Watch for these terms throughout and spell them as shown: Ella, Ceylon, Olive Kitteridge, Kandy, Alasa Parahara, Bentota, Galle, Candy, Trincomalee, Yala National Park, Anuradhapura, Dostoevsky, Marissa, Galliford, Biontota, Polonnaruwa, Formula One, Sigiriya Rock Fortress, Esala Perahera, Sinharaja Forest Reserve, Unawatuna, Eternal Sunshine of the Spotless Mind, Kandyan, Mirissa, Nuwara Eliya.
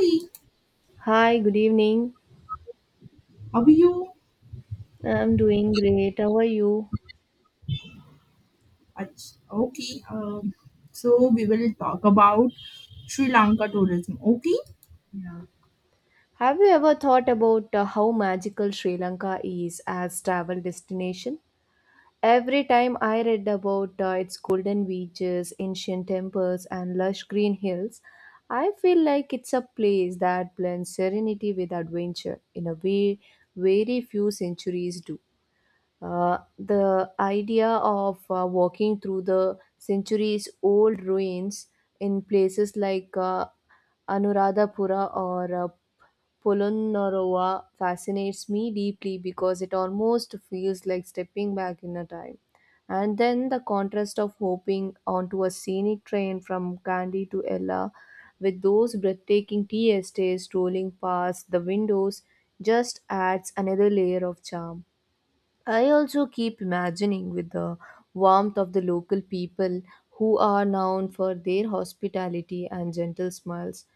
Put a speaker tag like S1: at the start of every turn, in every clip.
S1: Hey,
S2: Hi, good evening.
S1: how are you?
S2: I'm doing great. How are you?
S1: Ach- Okay, um, so we will talk about Sri Lanka tourism. Okay,
S2: Have you ever thought about how magical Sri Lanka is as travel destination? Every time I read about its golden beaches, ancient temples and lush green hills, I feel like it's a place that blends serenity with adventure in a way very few centuries do. The idea of walking through the centuries old ruins in places like Anuradhapura or Polonnaruwa fascinates me deeply because it almost feels like stepping back in a time. And then the contrast of hopping onto a scenic train from Kandy to Ella with those breathtaking tea estates rolling past the windows just adds another layer of charm. I also keep imagining with the warmth of the local people who are known for their hospitality and gentle smiles.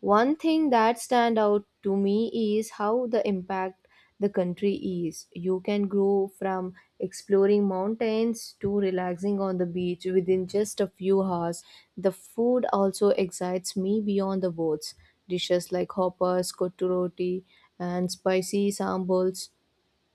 S2: One thing that stand out to me is how the impact the country is. You can grow from exploring mountains to relaxing on the beach within just a few hours. The food also excites me beyond the words. Dishes like hoppers, kotu roti, and spicy sambals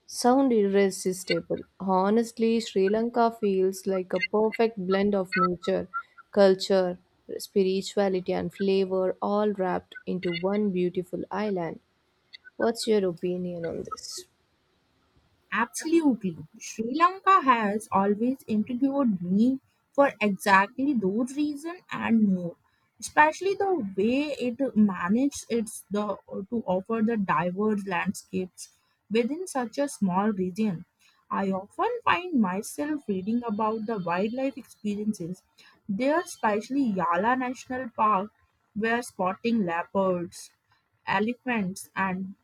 S2: sound irresistible. Honestly, Sri Lanka feels like a perfect blend of nature, culture, spirituality, and flavor all wrapped into one beautiful island. What's your opinion on this?
S1: absolutely. Sri Lanka has always intrigued me for exactly those reasons and more, especially the way it managed its the to offer the diverse landscapes within such a small region. I often find myself reading about the wildlife experiences there, especially Yala National Park, where spotting leopards, elephants, and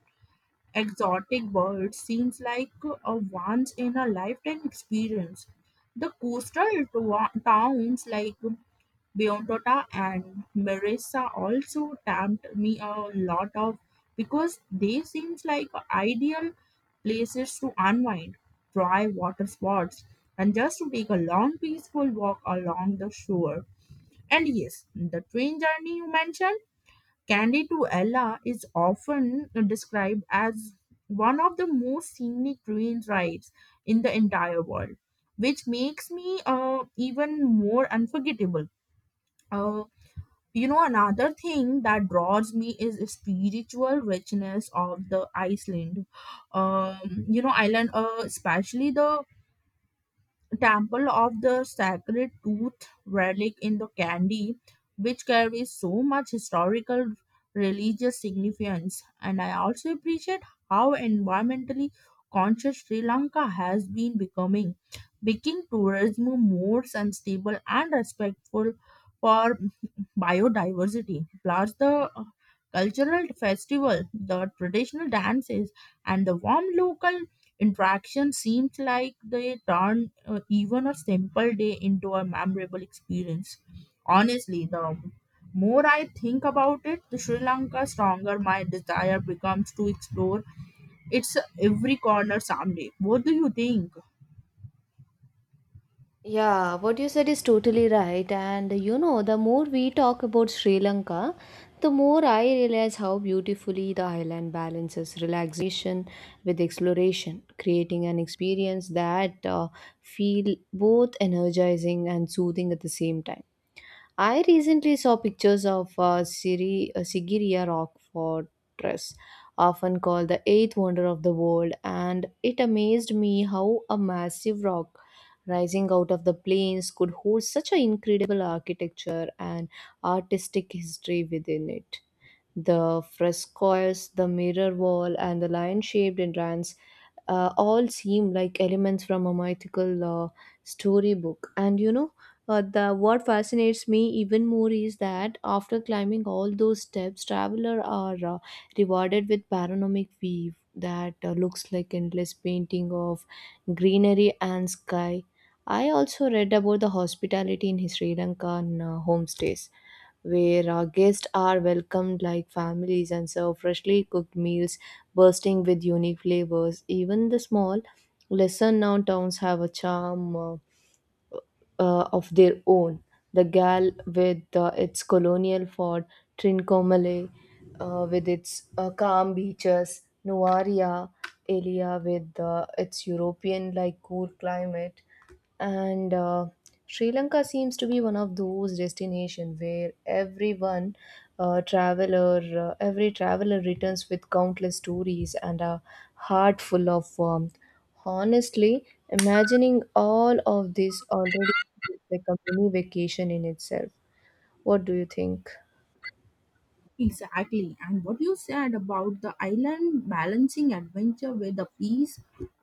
S1: exotic bird seems like a once in a lifetime experience. The coastal towns like Biontota and Marissa also tempt me a lot of because they seems like ideal places to unwind, try water sports, and just to take a long peaceful walk along the shore. And yes, the train journey you mentioned Candy to Ella is often described as one of the most scenic train rides in the entire world, which makes me even more unforgettable. Uh, Another thing that draws me is the spiritual richness of the Iceland. Island, especially the temple of the sacred tooth relic in the Kandy, which carries so much historical religious significance. And I also appreciate how environmentally conscious Sri Lanka has been becoming, making tourism more sustainable and respectful for biodiversity, plus the cultural festival, the traditional dances and the warm local interaction seems like they turn even a simple day into a memorable experience. Honestly, the more I think about it, the Sri Lanka stronger my desire becomes to explore its every corner someday. What do you think?
S2: Yeah, what you said is totally right. And you know, the more we talk about Sri Lanka, the more I realize how beautifully the island balances relaxation with exploration, creating an experience that feel both energizing and soothing at the same time. I recently saw pictures of Sigiriya Rock Fortress, often called the eighth wonder of the world, and it amazed me how a massive rock rising out of the plains could hold such an incredible architecture and artistic history within it. The frescoes, the mirror wall, and the lion shaped entrance all seem like elements from a mythical storybook. And you know, the what fascinates me even more is that after climbing all those steps, travelers are rewarded with panoramic view that looks like endless painting of greenery and sky. I also read about the hospitality in Sri Lankan homestays where our guests are welcomed like families and serve freshly cooked meals bursting with unique flavors. Even the small, lesser known towns have a charm of their own. The Gal with its colonial fort, Trincomalee with its calm beaches, Nuaria area with its European like cool climate, and sri lanka seems to be one of those destinations where every traveler returns with countless stories and a heart full of warmth. Honestly, imagining all of this already feels like a mini vacation in itself. What do you think?
S1: Exactly. And what you said about the island balancing adventure with the peace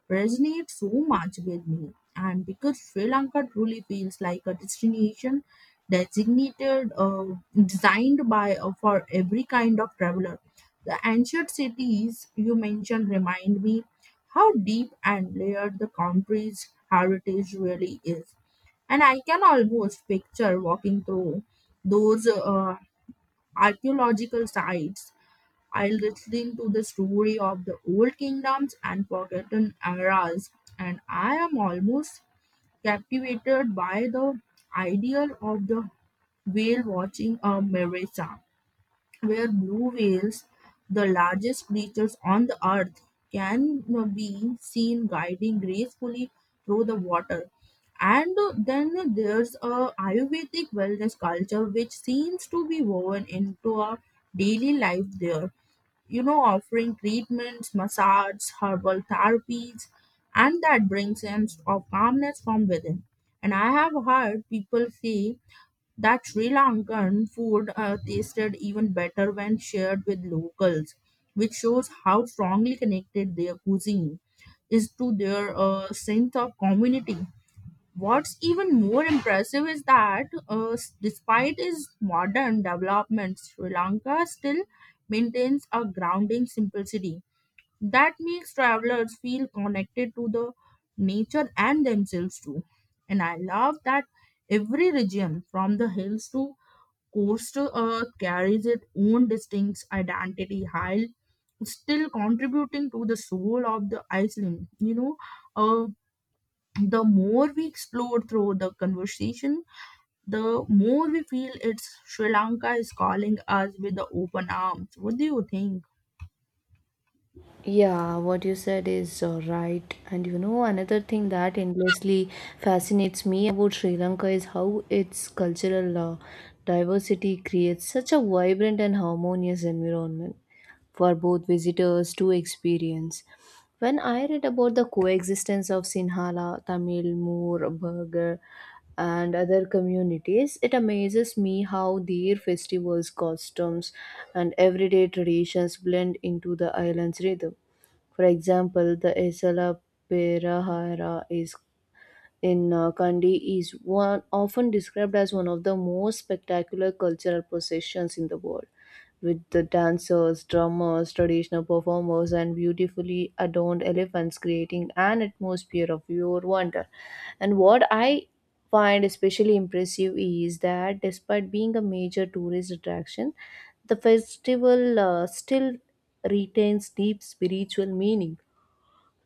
S1: resonates so much with me. And because Sri Lanka truly feels like a destination designated, uh, designed by for every kind of traveler. The ancient cities you mentioned remind me how deep and layered the country's heritage really is. And I can almost picture walking through those archaeological sites. I'll listen to the story of the old kingdoms and forgotten eras, and I am almost captivated by the idea of the whale watching a mirage where blue whales, the largest creatures on the earth, can be seen guiding gracefully through the water. And then there's a Ayurvedic wellness culture which seems to be woven into our daily life there. You know, offering treatments, massage, herbal therapies, and that brings sense of calmness from within. And I have heard people say that Sri Lankan food tasted even better when shared with locals, which shows how strongly connected their cuisine is to their sense of community. What's even more impressive is that, despite its modern developments, Sri Lanka still maintains a grounding simplicity that makes travelers feel connected to the nature and themselves too. And I love that every region, from the hills to coastal earth, carries its own distinct identity, while still contributing to the soul of the Iceland. Uh, the more we explore through the conversation, the more we feel it's Sri Lanka is calling us with the open arms. What do you think?
S2: Yeah, what you said is right. And you know, another thing that endlessly fascinates me about Sri Lanka is how its cultural diversity creates such a vibrant and harmonious environment for both visitors to experience. When I read about the coexistence of Sinhala, Tamil, Moor, Burger, and other communities, it amazes me how their festivals, costumes, and everyday traditions blend into the island's rhythm. For example, the Isla Perahera is in Kandy is one often described as one of the most spectacular cultural processions in the world, with the dancers, drummers, traditional performers, and beautifully adorned elephants creating an atmosphere of pure wonder. And what I find especially impressive is that despite being a major tourist attraction, the festival still retains deep spiritual meaning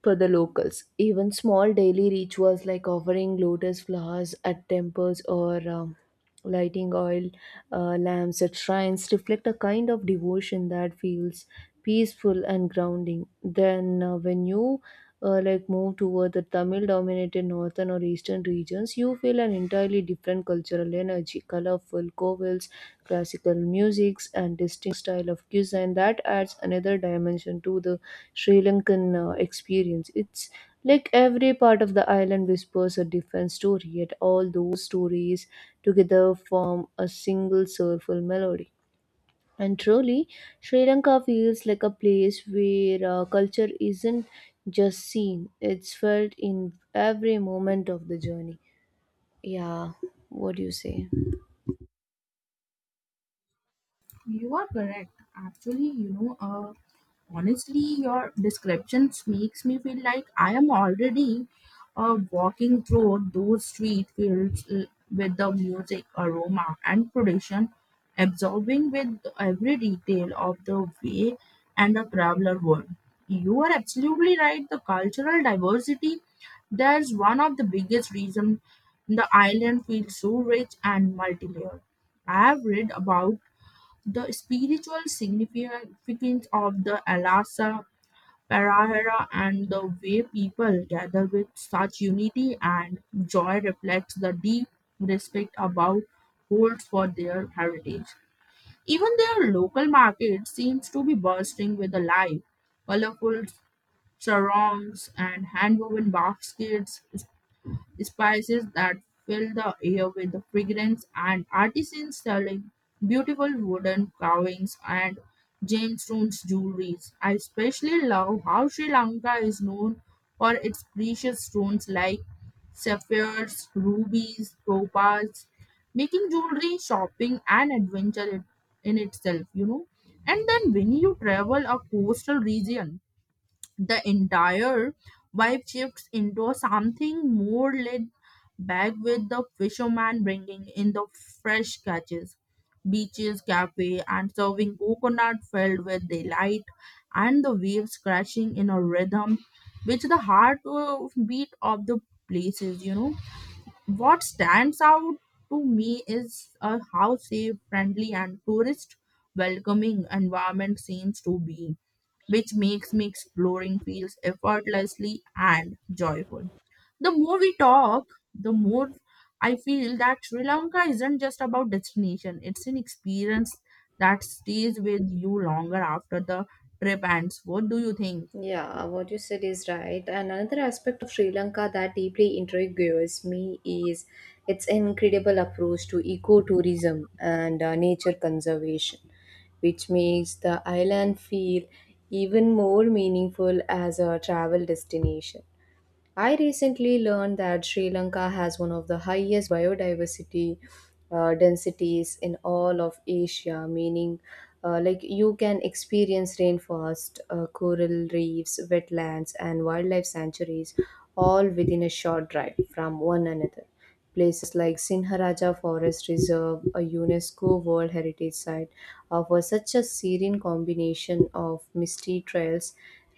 S2: for the locals. Even small daily rituals like offering lotus flowers at temples or lighting oil lamps at shrines reflect a kind of devotion that feels peaceful and grounding. Then, when you like move toward the Tamil dominated northern or eastern regions, you feel an entirely different cultural energy, colorful covils, classical musics, and distinct style of cuisine that adds another dimension to the Sri Lankan experience. It's like every part of the island whispers a different story, yet all those stories together form a single soulful melody. And truly, Sri Lanka feels like a place where culture isn't just seen, it's felt in every moment of the journey. Yeah, what do you say?
S1: You are correct. Actually, honestly, your descriptions makes me feel like I am already walking through those street fields with the music, aroma, and tradition, absorbing with every detail of the way and the traveler would. You are absolutely right. The cultural diversity, that's one of the biggest reasons the island feels so rich and multi-layered. I have read about the spiritual significance of the Alasa Parahara, and the way people gather with such unity and joy reflects the deep respect about holds for their heritage. Even their local market seems to be bursting with the life, colorful sarongs and handwoven baskets, spices that fill the air with the fragrance, and artisans selling beautiful wooden carvings and gemstones jewelries. I especially love how Sri Lanka is known for its precious stones like sapphires, rubies, topaz, making jewelry shopping an adventure in itself, you know. And then when you travel a coastal region, the entire vibe shifts into something more laid back, with the fisherman bringing in the fresh catches, beaches, cafe, and serving coconut filled with delight, and the waves crashing in a rhythm, which the heart beat of the places. You know what stands out to me is how safe, friendly, and tourist welcoming environment seems to be, which makes me exploring feels effortlessly and joyful. The more we talk, the more I feel that Sri Lanka isn't just about destination, it's an experience that stays with you longer after the trip ends. What do you think?
S2: Yeah, what you said is right. And another aspect of Sri Lanka that deeply intrigues me is its incredible approach to ecotourism and nature conservation, which makes the island feel even more meaningful as a travel destination. I recently learned that Sri Lanka has one of the highest biodiversity densities in all of Asia, meaning like you can experience rainforest, coral reefs, wetlands, and wildlife sanctuaries all within a short drive from one another. Places like Sinharaja Forest Reserve, a UNESCO World Heritage Site, offer such a serene combination of misty trails,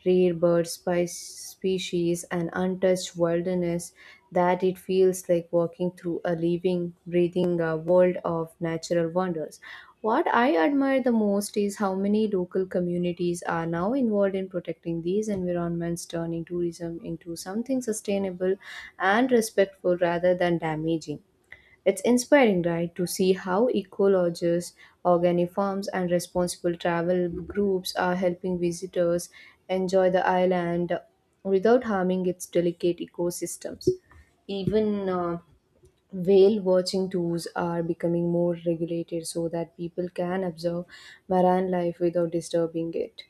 S2: rare bird spice species, and untouched wilderness that it feels like walking through a living, breathing world of natural wonders. What I admire the most is how many local communities are now involved in protecting these environments, turning tourism into something sustainable and respectful rather than damaging. It's inspiring, right, to see how ecologists, organic farms, and responsible travel groups are helping visitors enjoy the island without harming its delicate ecosystems. Even whale watching tours are becoming more regulated so that people can observe marine life without disturbing it.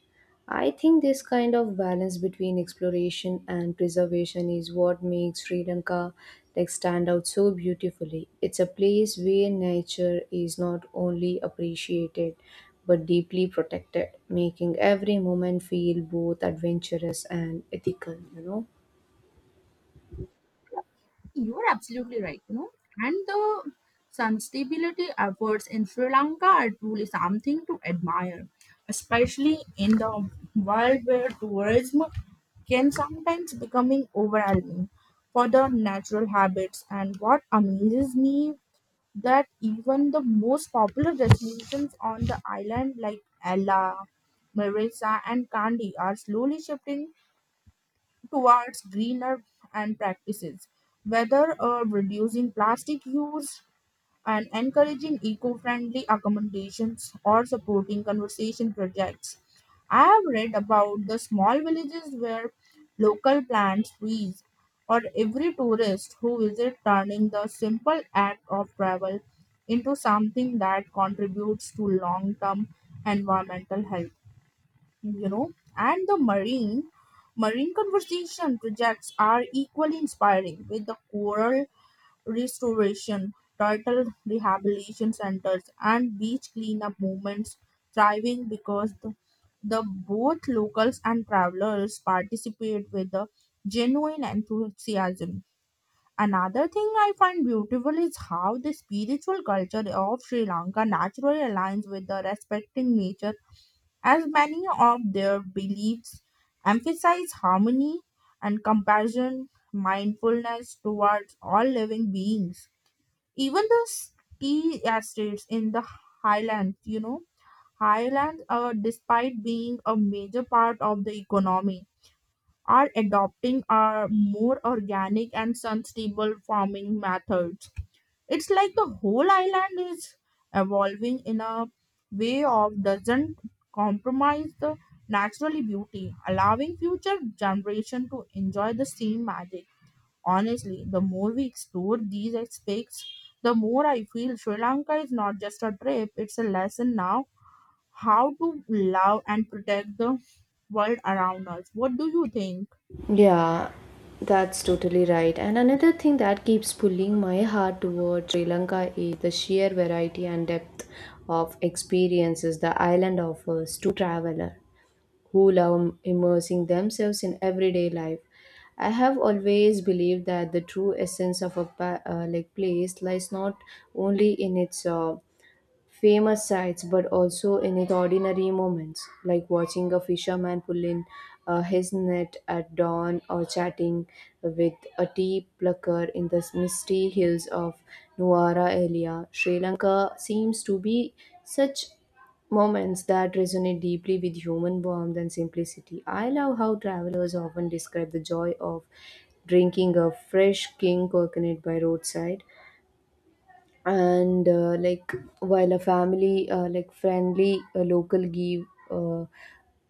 S2: I think this kind of balance between exploration and preservation is what makes Sri Lanka like stand out so beautifully. It's a place where nature is not only appreciated but deeply protected, making every moment feel both adventurous and ethical, you know.
S1: You are absolutely right, you know. And the sustainability efforts in Sri Lanka are truly something to admire, especially in the world where tourism can sometimes becoming overwhelming for the natural habits. And what amazes me that even the most popular destinations on the island like Ella, Marissa, and Kandy are slowly shifting towards greener and practices, whether reducing plastic use and encouraging eco-friendly accommodations or supporting conservation projects. I have read about the small villages where local plants, trees, or every tourist who visits turning the simple act of travel into something that contributes to long-term environmental health. You know, and the marine conservation projects are equally inspiring, with the coral restoration, turtle rehabilitation centers, and beach cleanup movements thriving because the both locals and travelers participate with the genuine enthusiasm. Another thing I find beautiful is how the spiritual culture of Sri Lanka naturally aligns with the respecting nature, as many of their beliefs emphasize harmony and compassion, mindfulness towards all living beings. Even the tea estates in the highlands, you know, highlands, despite being a major part of the economy, are adopting a more organic and sustainable farming methods. It's like the whole island is evolving in a way of doesn't compromise the naturally beauty, allowing future generation to enjoy the same magic. Honestly, the more we explore these aspects, the more I feel Sri Lanka is not just a trip, it's a lesson now how to love and protect the world around us. What do you think?
S2: Yeah, that's totally right. And another thing that keeps pulling my heart toward Sri Lanka is the sheer variety and depth of experiences the island offers to traveler who love immersing themselves in everyday life. I have always believed that the true essence of a like place lies not only in its famous sights but also in its ordinary moments, like watching a fisherman pull in his net at dawn or chatting with a tea plucker in the misty hills of Nuwara area. Sri Lanka seems to be such moments that resonate deeply with human warmth and simplicity. I love how travelers often describe the joy of drinking a fresh king coconut by roadside and like while a family like friendly local give uh,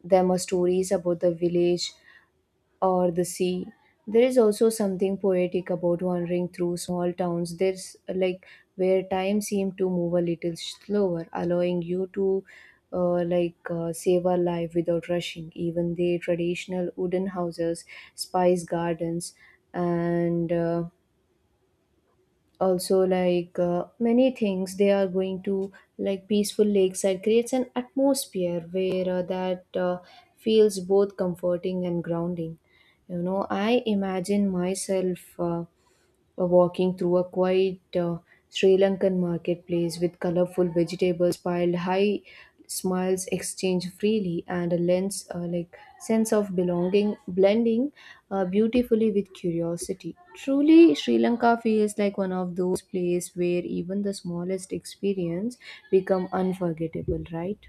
S2: them a stories about the village or the sea. There is also something poetic about wandering through small towns there's like where time seemed to move a little slower allowing you to save a life without rushing. Even the traditional wooden houses, spice gardens and also like many things they are going to like peaceful lakeside creates an atmosphere where that feels both comforting and grounding. You know, I imagine myself walking through a quiet Sri Lankan marketplace with colorful vegetables piled high, smiles exchanged freely, and a lens like sense of belonging blending beautifully with curiosity. Truly, Sri Lanka feels like one of those places where even the smallest experience become unforgettable, right?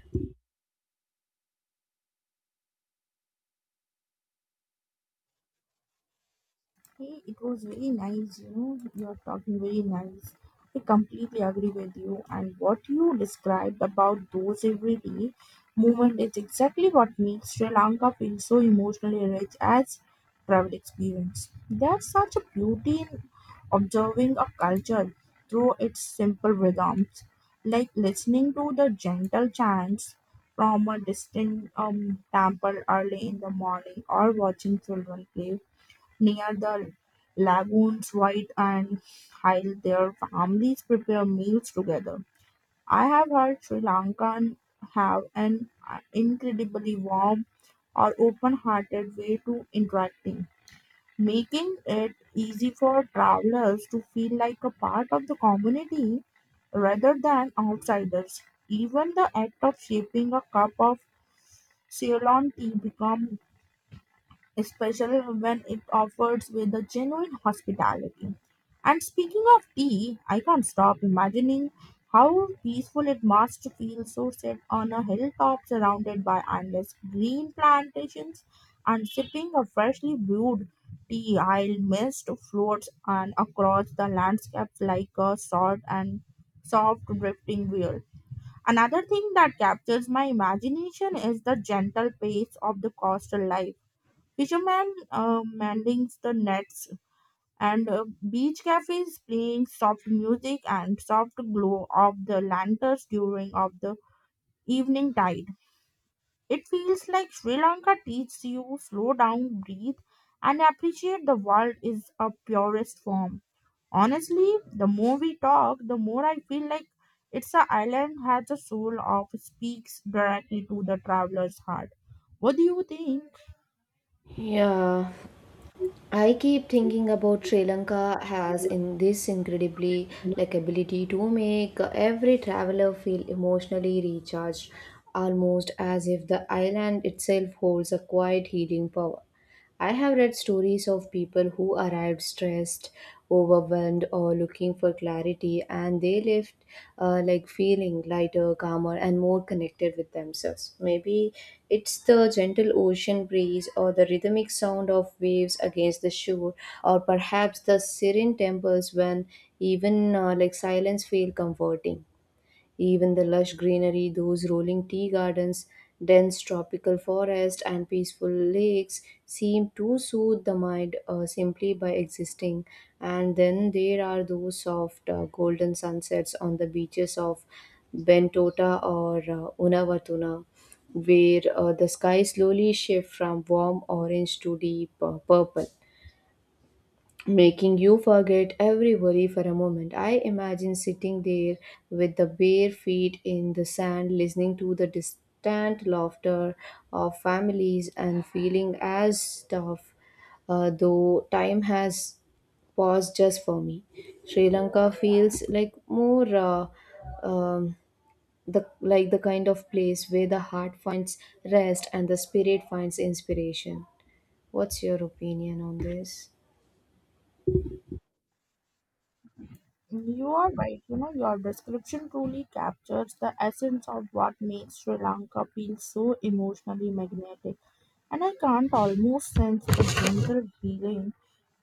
S1: Hey, it was very nice, you know, you're talking very nice. I completely agree with you. And what you described about those everyday movement is exactly what makes Sri Lanka feel so emotionally rich as travel experience. There's such a beauty in observing a culture through its simple rhythms, like listening to the gentle chants from a distant temple early in the morning, or watching children play near the lagoons white and Hile their families prepare meals together. I have heard Sri Lankan have an incredibly warm or open-hearted way to interacting, making it easy for travelers to feel like a part of the community rather than outsiders. Even the act of shaping a cup of Ceylon tea becomes especially when it offers with a genuine hospitality. And speaking of tea, I can't stop imagining how peaceful it must feel so set on a hilltop surrounded by endless green plantations and sipping a freshly brewed tea while mist floats and across the landscapes like a short and soft drifting wheel. Another thing that captures my imagination is the gentle pace of the coastal life. Fishermen mending the nets, and beach cafes playing soft music, and soft glow of the lanterns during of the evening tide. It feels like Sri Lanka teaches you slow down, breathe, and appreciate the world is a purest form. Honestly, the more we talk, the more I feel like it's a island has a soul of speaks directly to the traveler's heart. What do you think?
S2: Yeah, I keep thinking about Sri Lanka has in this incredibly like ability to make every traveler feel emotionally recharged, almost as if the island itself holds a quiet healing power. I have read stories of people who arrived stressed, overwhelmed, or looking for clarity, and they left like feeling lighter, calmer, and more connected with themselves. Maybe it's the gentle ocean breeze, or the rhythmic sound of waves against the shore, or perhaps the serene temples when even like silence feel comforting. Even the lush greenery, those rolling tea gardens, dense tropical forest, and peaceful lakes seem to soothe the mind simply by existing. And then there are those soft golden sunsets on the beaches of Bentota or Unavatuna, where the sky slowly shifts from warm orange to deep purple, making you forget every worry for a moment. I imagine sitting there with the bare feet in the sand, listening to the distant laughter of families and feeling as tough, though time has paused just for me. Sri Lanka feels like more. Um, the like the kind of place where the heart finds rest and the spirit finds inspiration. What's your opinion on this?
S1: You are right. You know, your description truly captures the essence of what makes Sri Lanka feel so emotionally magnetic. And I can't almost sense the gentle healing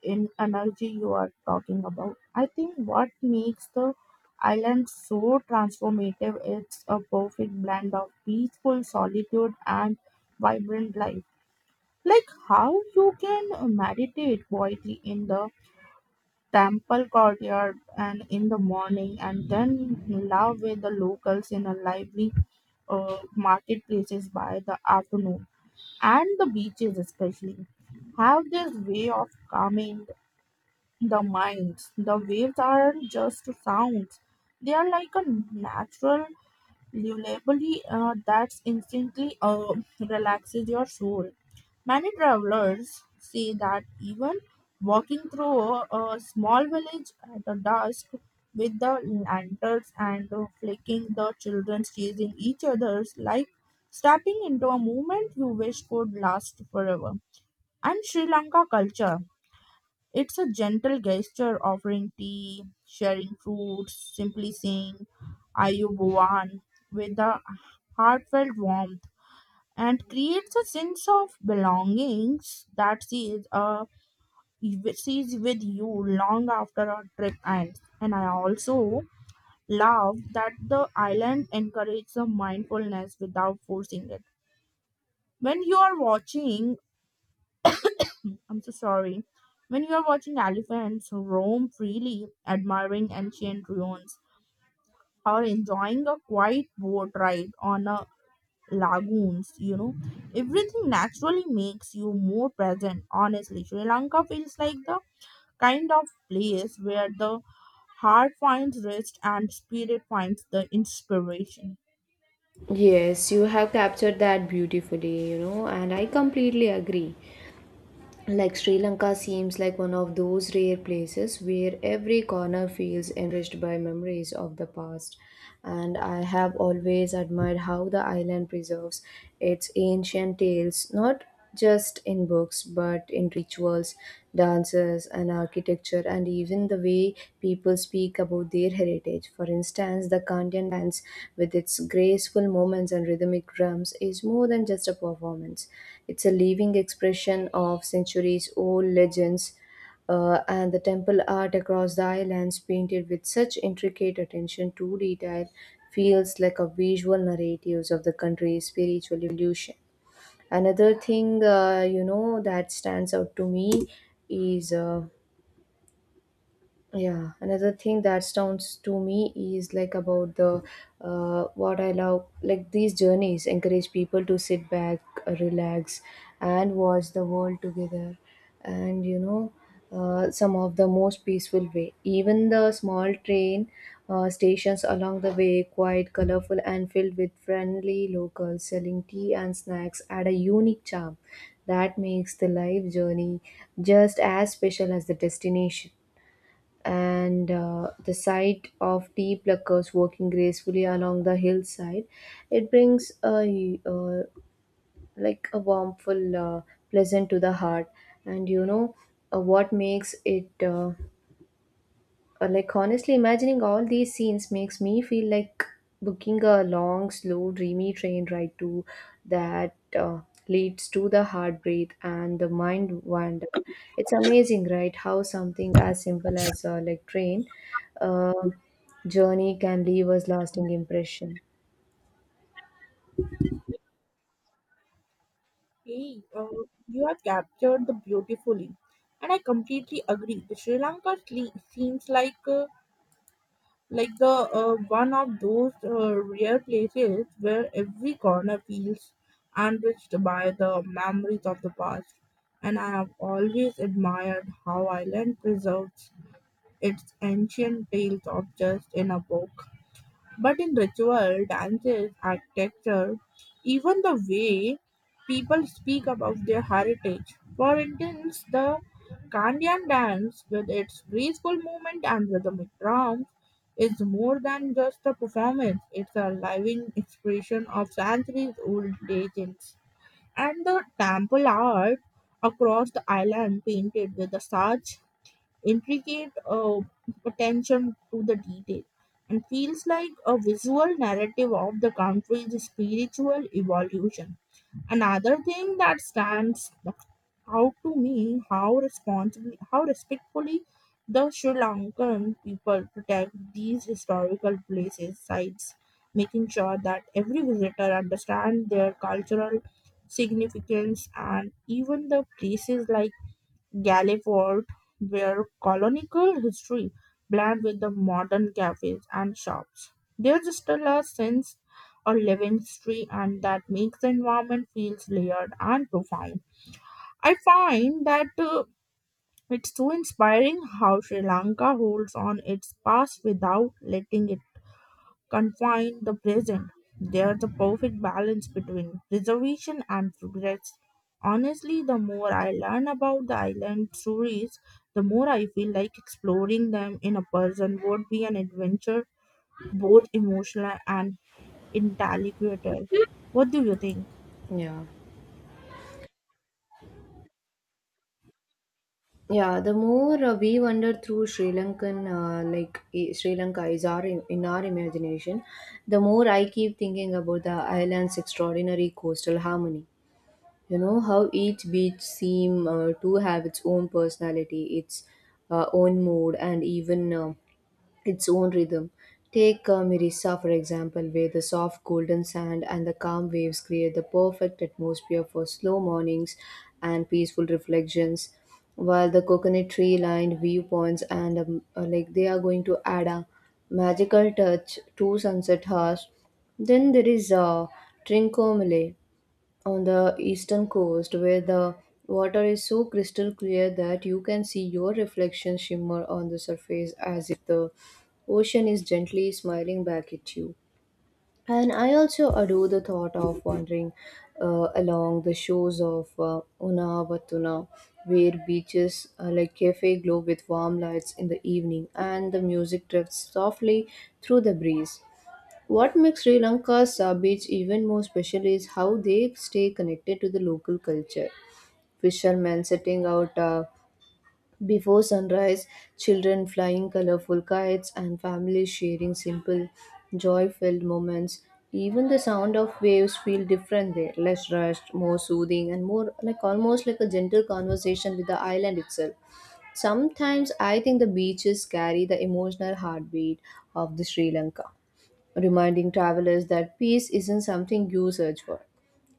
S1: in energy you are talking about. I think what makes the island so transformative it's a perfect blend of peaceful solitude and vibrant life. Like how you can meditate quietly in the temple courtyard and in the morning, and then love with the locals in a lively marketplaces by the afternoon. And the beaches especially have this way of calming the minds. The waves aren't just sounds, they are like a natural lullaby that instantly relaxes your soul. Many travelers say that even walking through a small village at the dusk with the lanterns and flicking the children chasing each other's like stepping into a movement you wish could last forever. And Sri Lanka culture. It's a gentle gesture offering tea, sharing fruits, simply saying Ayubuan with a heartfelt warmth and creates a sense of belongings that she is with you long after our trip ends. And I also love that the island encourages the mindfulness without forcing it. When you are watching, I'm so sorry. When you are watching elephants roam freely, admiring ancient ruins, or enjoying a quiet boat ride on a lagoons, you know. Everything naturally makes you more present. Honestly, Sri Lanka feels like the kind of place where the heart finds rest and spirit finds the inspiration.
S2: Yes, you have captured that beautifully, you know, and I completely agree. Like Sri Lanka seems like one of those rare places where every corner feels enriched by memories of the past. And I have always admired how the island preserves its ancient tales, not just in books but in rituals festivals, dances, and architecture, and even the way people speak about their heritage. For instance, the Kandian dance, with its graceful movements and rhythmic drums, is more than just a performance. It's a living expression of centuries old legends. And the temple art across the islands, painted with such intricate attention to detail, feels like a visual narrative of the country's spiritual evolution. Another thing, that stands out to me is yeah, another thing that sounds to me is like about the what I love, like these journeys encourage people to sit back, relax, and watch the world together. And you know, some of the most peaceful way. Even the small train stations along the way, quite colorful and filled with friendly locals selling tea and snacks, add a unique charm that makes the life journey just as special as the destination and the sight of tea pluckers walking gracefully along the hillside, it brings a like a warmful pleasant to the heart and you know what makes it like honestly, imagining all these scenes makes me feel like booking a long, slow, dreamy train ride to that leads to the heart breathe and the mind wander. It's amazing, right? How something as simple as like train uh, journey can leave us lasting impression.
S1: Hey, uh, you have captured the beautifully, and I completely agree. The Sri Lanka seems like the one of those rare places where every corner feels enriched by the memories of the past. And I have always admired how Ireland preserves its ancient tales of just in a book, but in ritual, dances, architecture, even the way people speak about their heritage. For instance, the Kandyan dance, with its graceful movement and rhythmic drums, is more than just a performance, it's a living expression of centuries old legends. And the temple art across the island painted with the such intricate attention to the detail and feels like a visual narrative of the country's spiritual evolution. Another thing that stands out to me, how responsibly, how respectfully the Sri Lankan people protect these historical places sites, making sure that every visitor understands their cultural significance. And even the places like Galliford, where colonial history blend with the modern cafes and shops. There's still a sense of living history, and that makes the environment feels layered and profound. I find that it's so inspiring how Sri Lanka holds on its past without letting it confine the present. There's a perfect balance between preservation and regrets. Honestly, the more I learn about the island stories, the more I feel like exploring them in a person would be an adventure, both emotional and intellectual. What do you think?
S2: Yeah. Yeah, the more we wander through Sri Lankan, Sri Lanka is in our imagination, the more I keep thinking about the island's extraordinary coastal harmony. You know how each beach seem to have its own personality, its own mood, and even its own rhythm. Take Mirissa, for example, where the soft golden sand and the calm waves create the perfect atmosphere for slow mornings and peaceful reflections, while the coconut tree lined viewpoints and like they are going to add a magical touch to sunset hours. Then there is Trincomalee on the eastern coast where the water is so crystal clear that you can see your reflection shimmer on the surface as if the ocean is gently smiling back at you. And I also adore the thought of wandering along the shores of Unavatuna, where beaches like cafe glow with warm lights in the evening and the music drifts softly through the breeze. What makes Sri Lanka's beach even more special is how they stay connected to the local culture. Fishermen setting out before sunrise, children flying colorful kites, and families sharing simple, joy filled moments. Even the sound of waves feel different there, less rushed, more soothing, and more like almost like a gentle conversation with the island itself. Sometimes I think the beaches carry the emotional heartbeat of the Sri Lanka reminding travelers that peace isn't something you search for.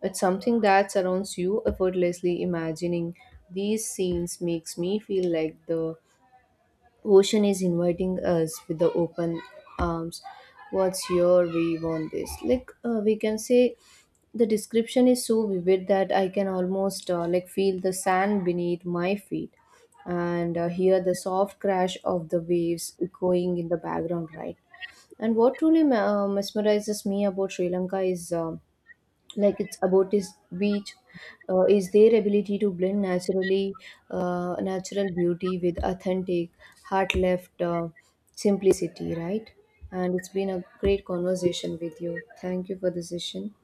S2: It's something that surrounds you effortlessly. Imagining these scenes makes me feel like the ocean is inviting us with the open arms. What's your view on this? Like, we can say the description is so vivid that I can almost like feel the sand beneath my feet and hear the soft crash of the waves echoing in the background, right? And what truly mesmerizes me about Sri Lanka is like it's about its beach, is their ability to blend naturally natural beauty with authentic, heart left simplicity, right? And it's been a great conversation with you. Thank you for the session.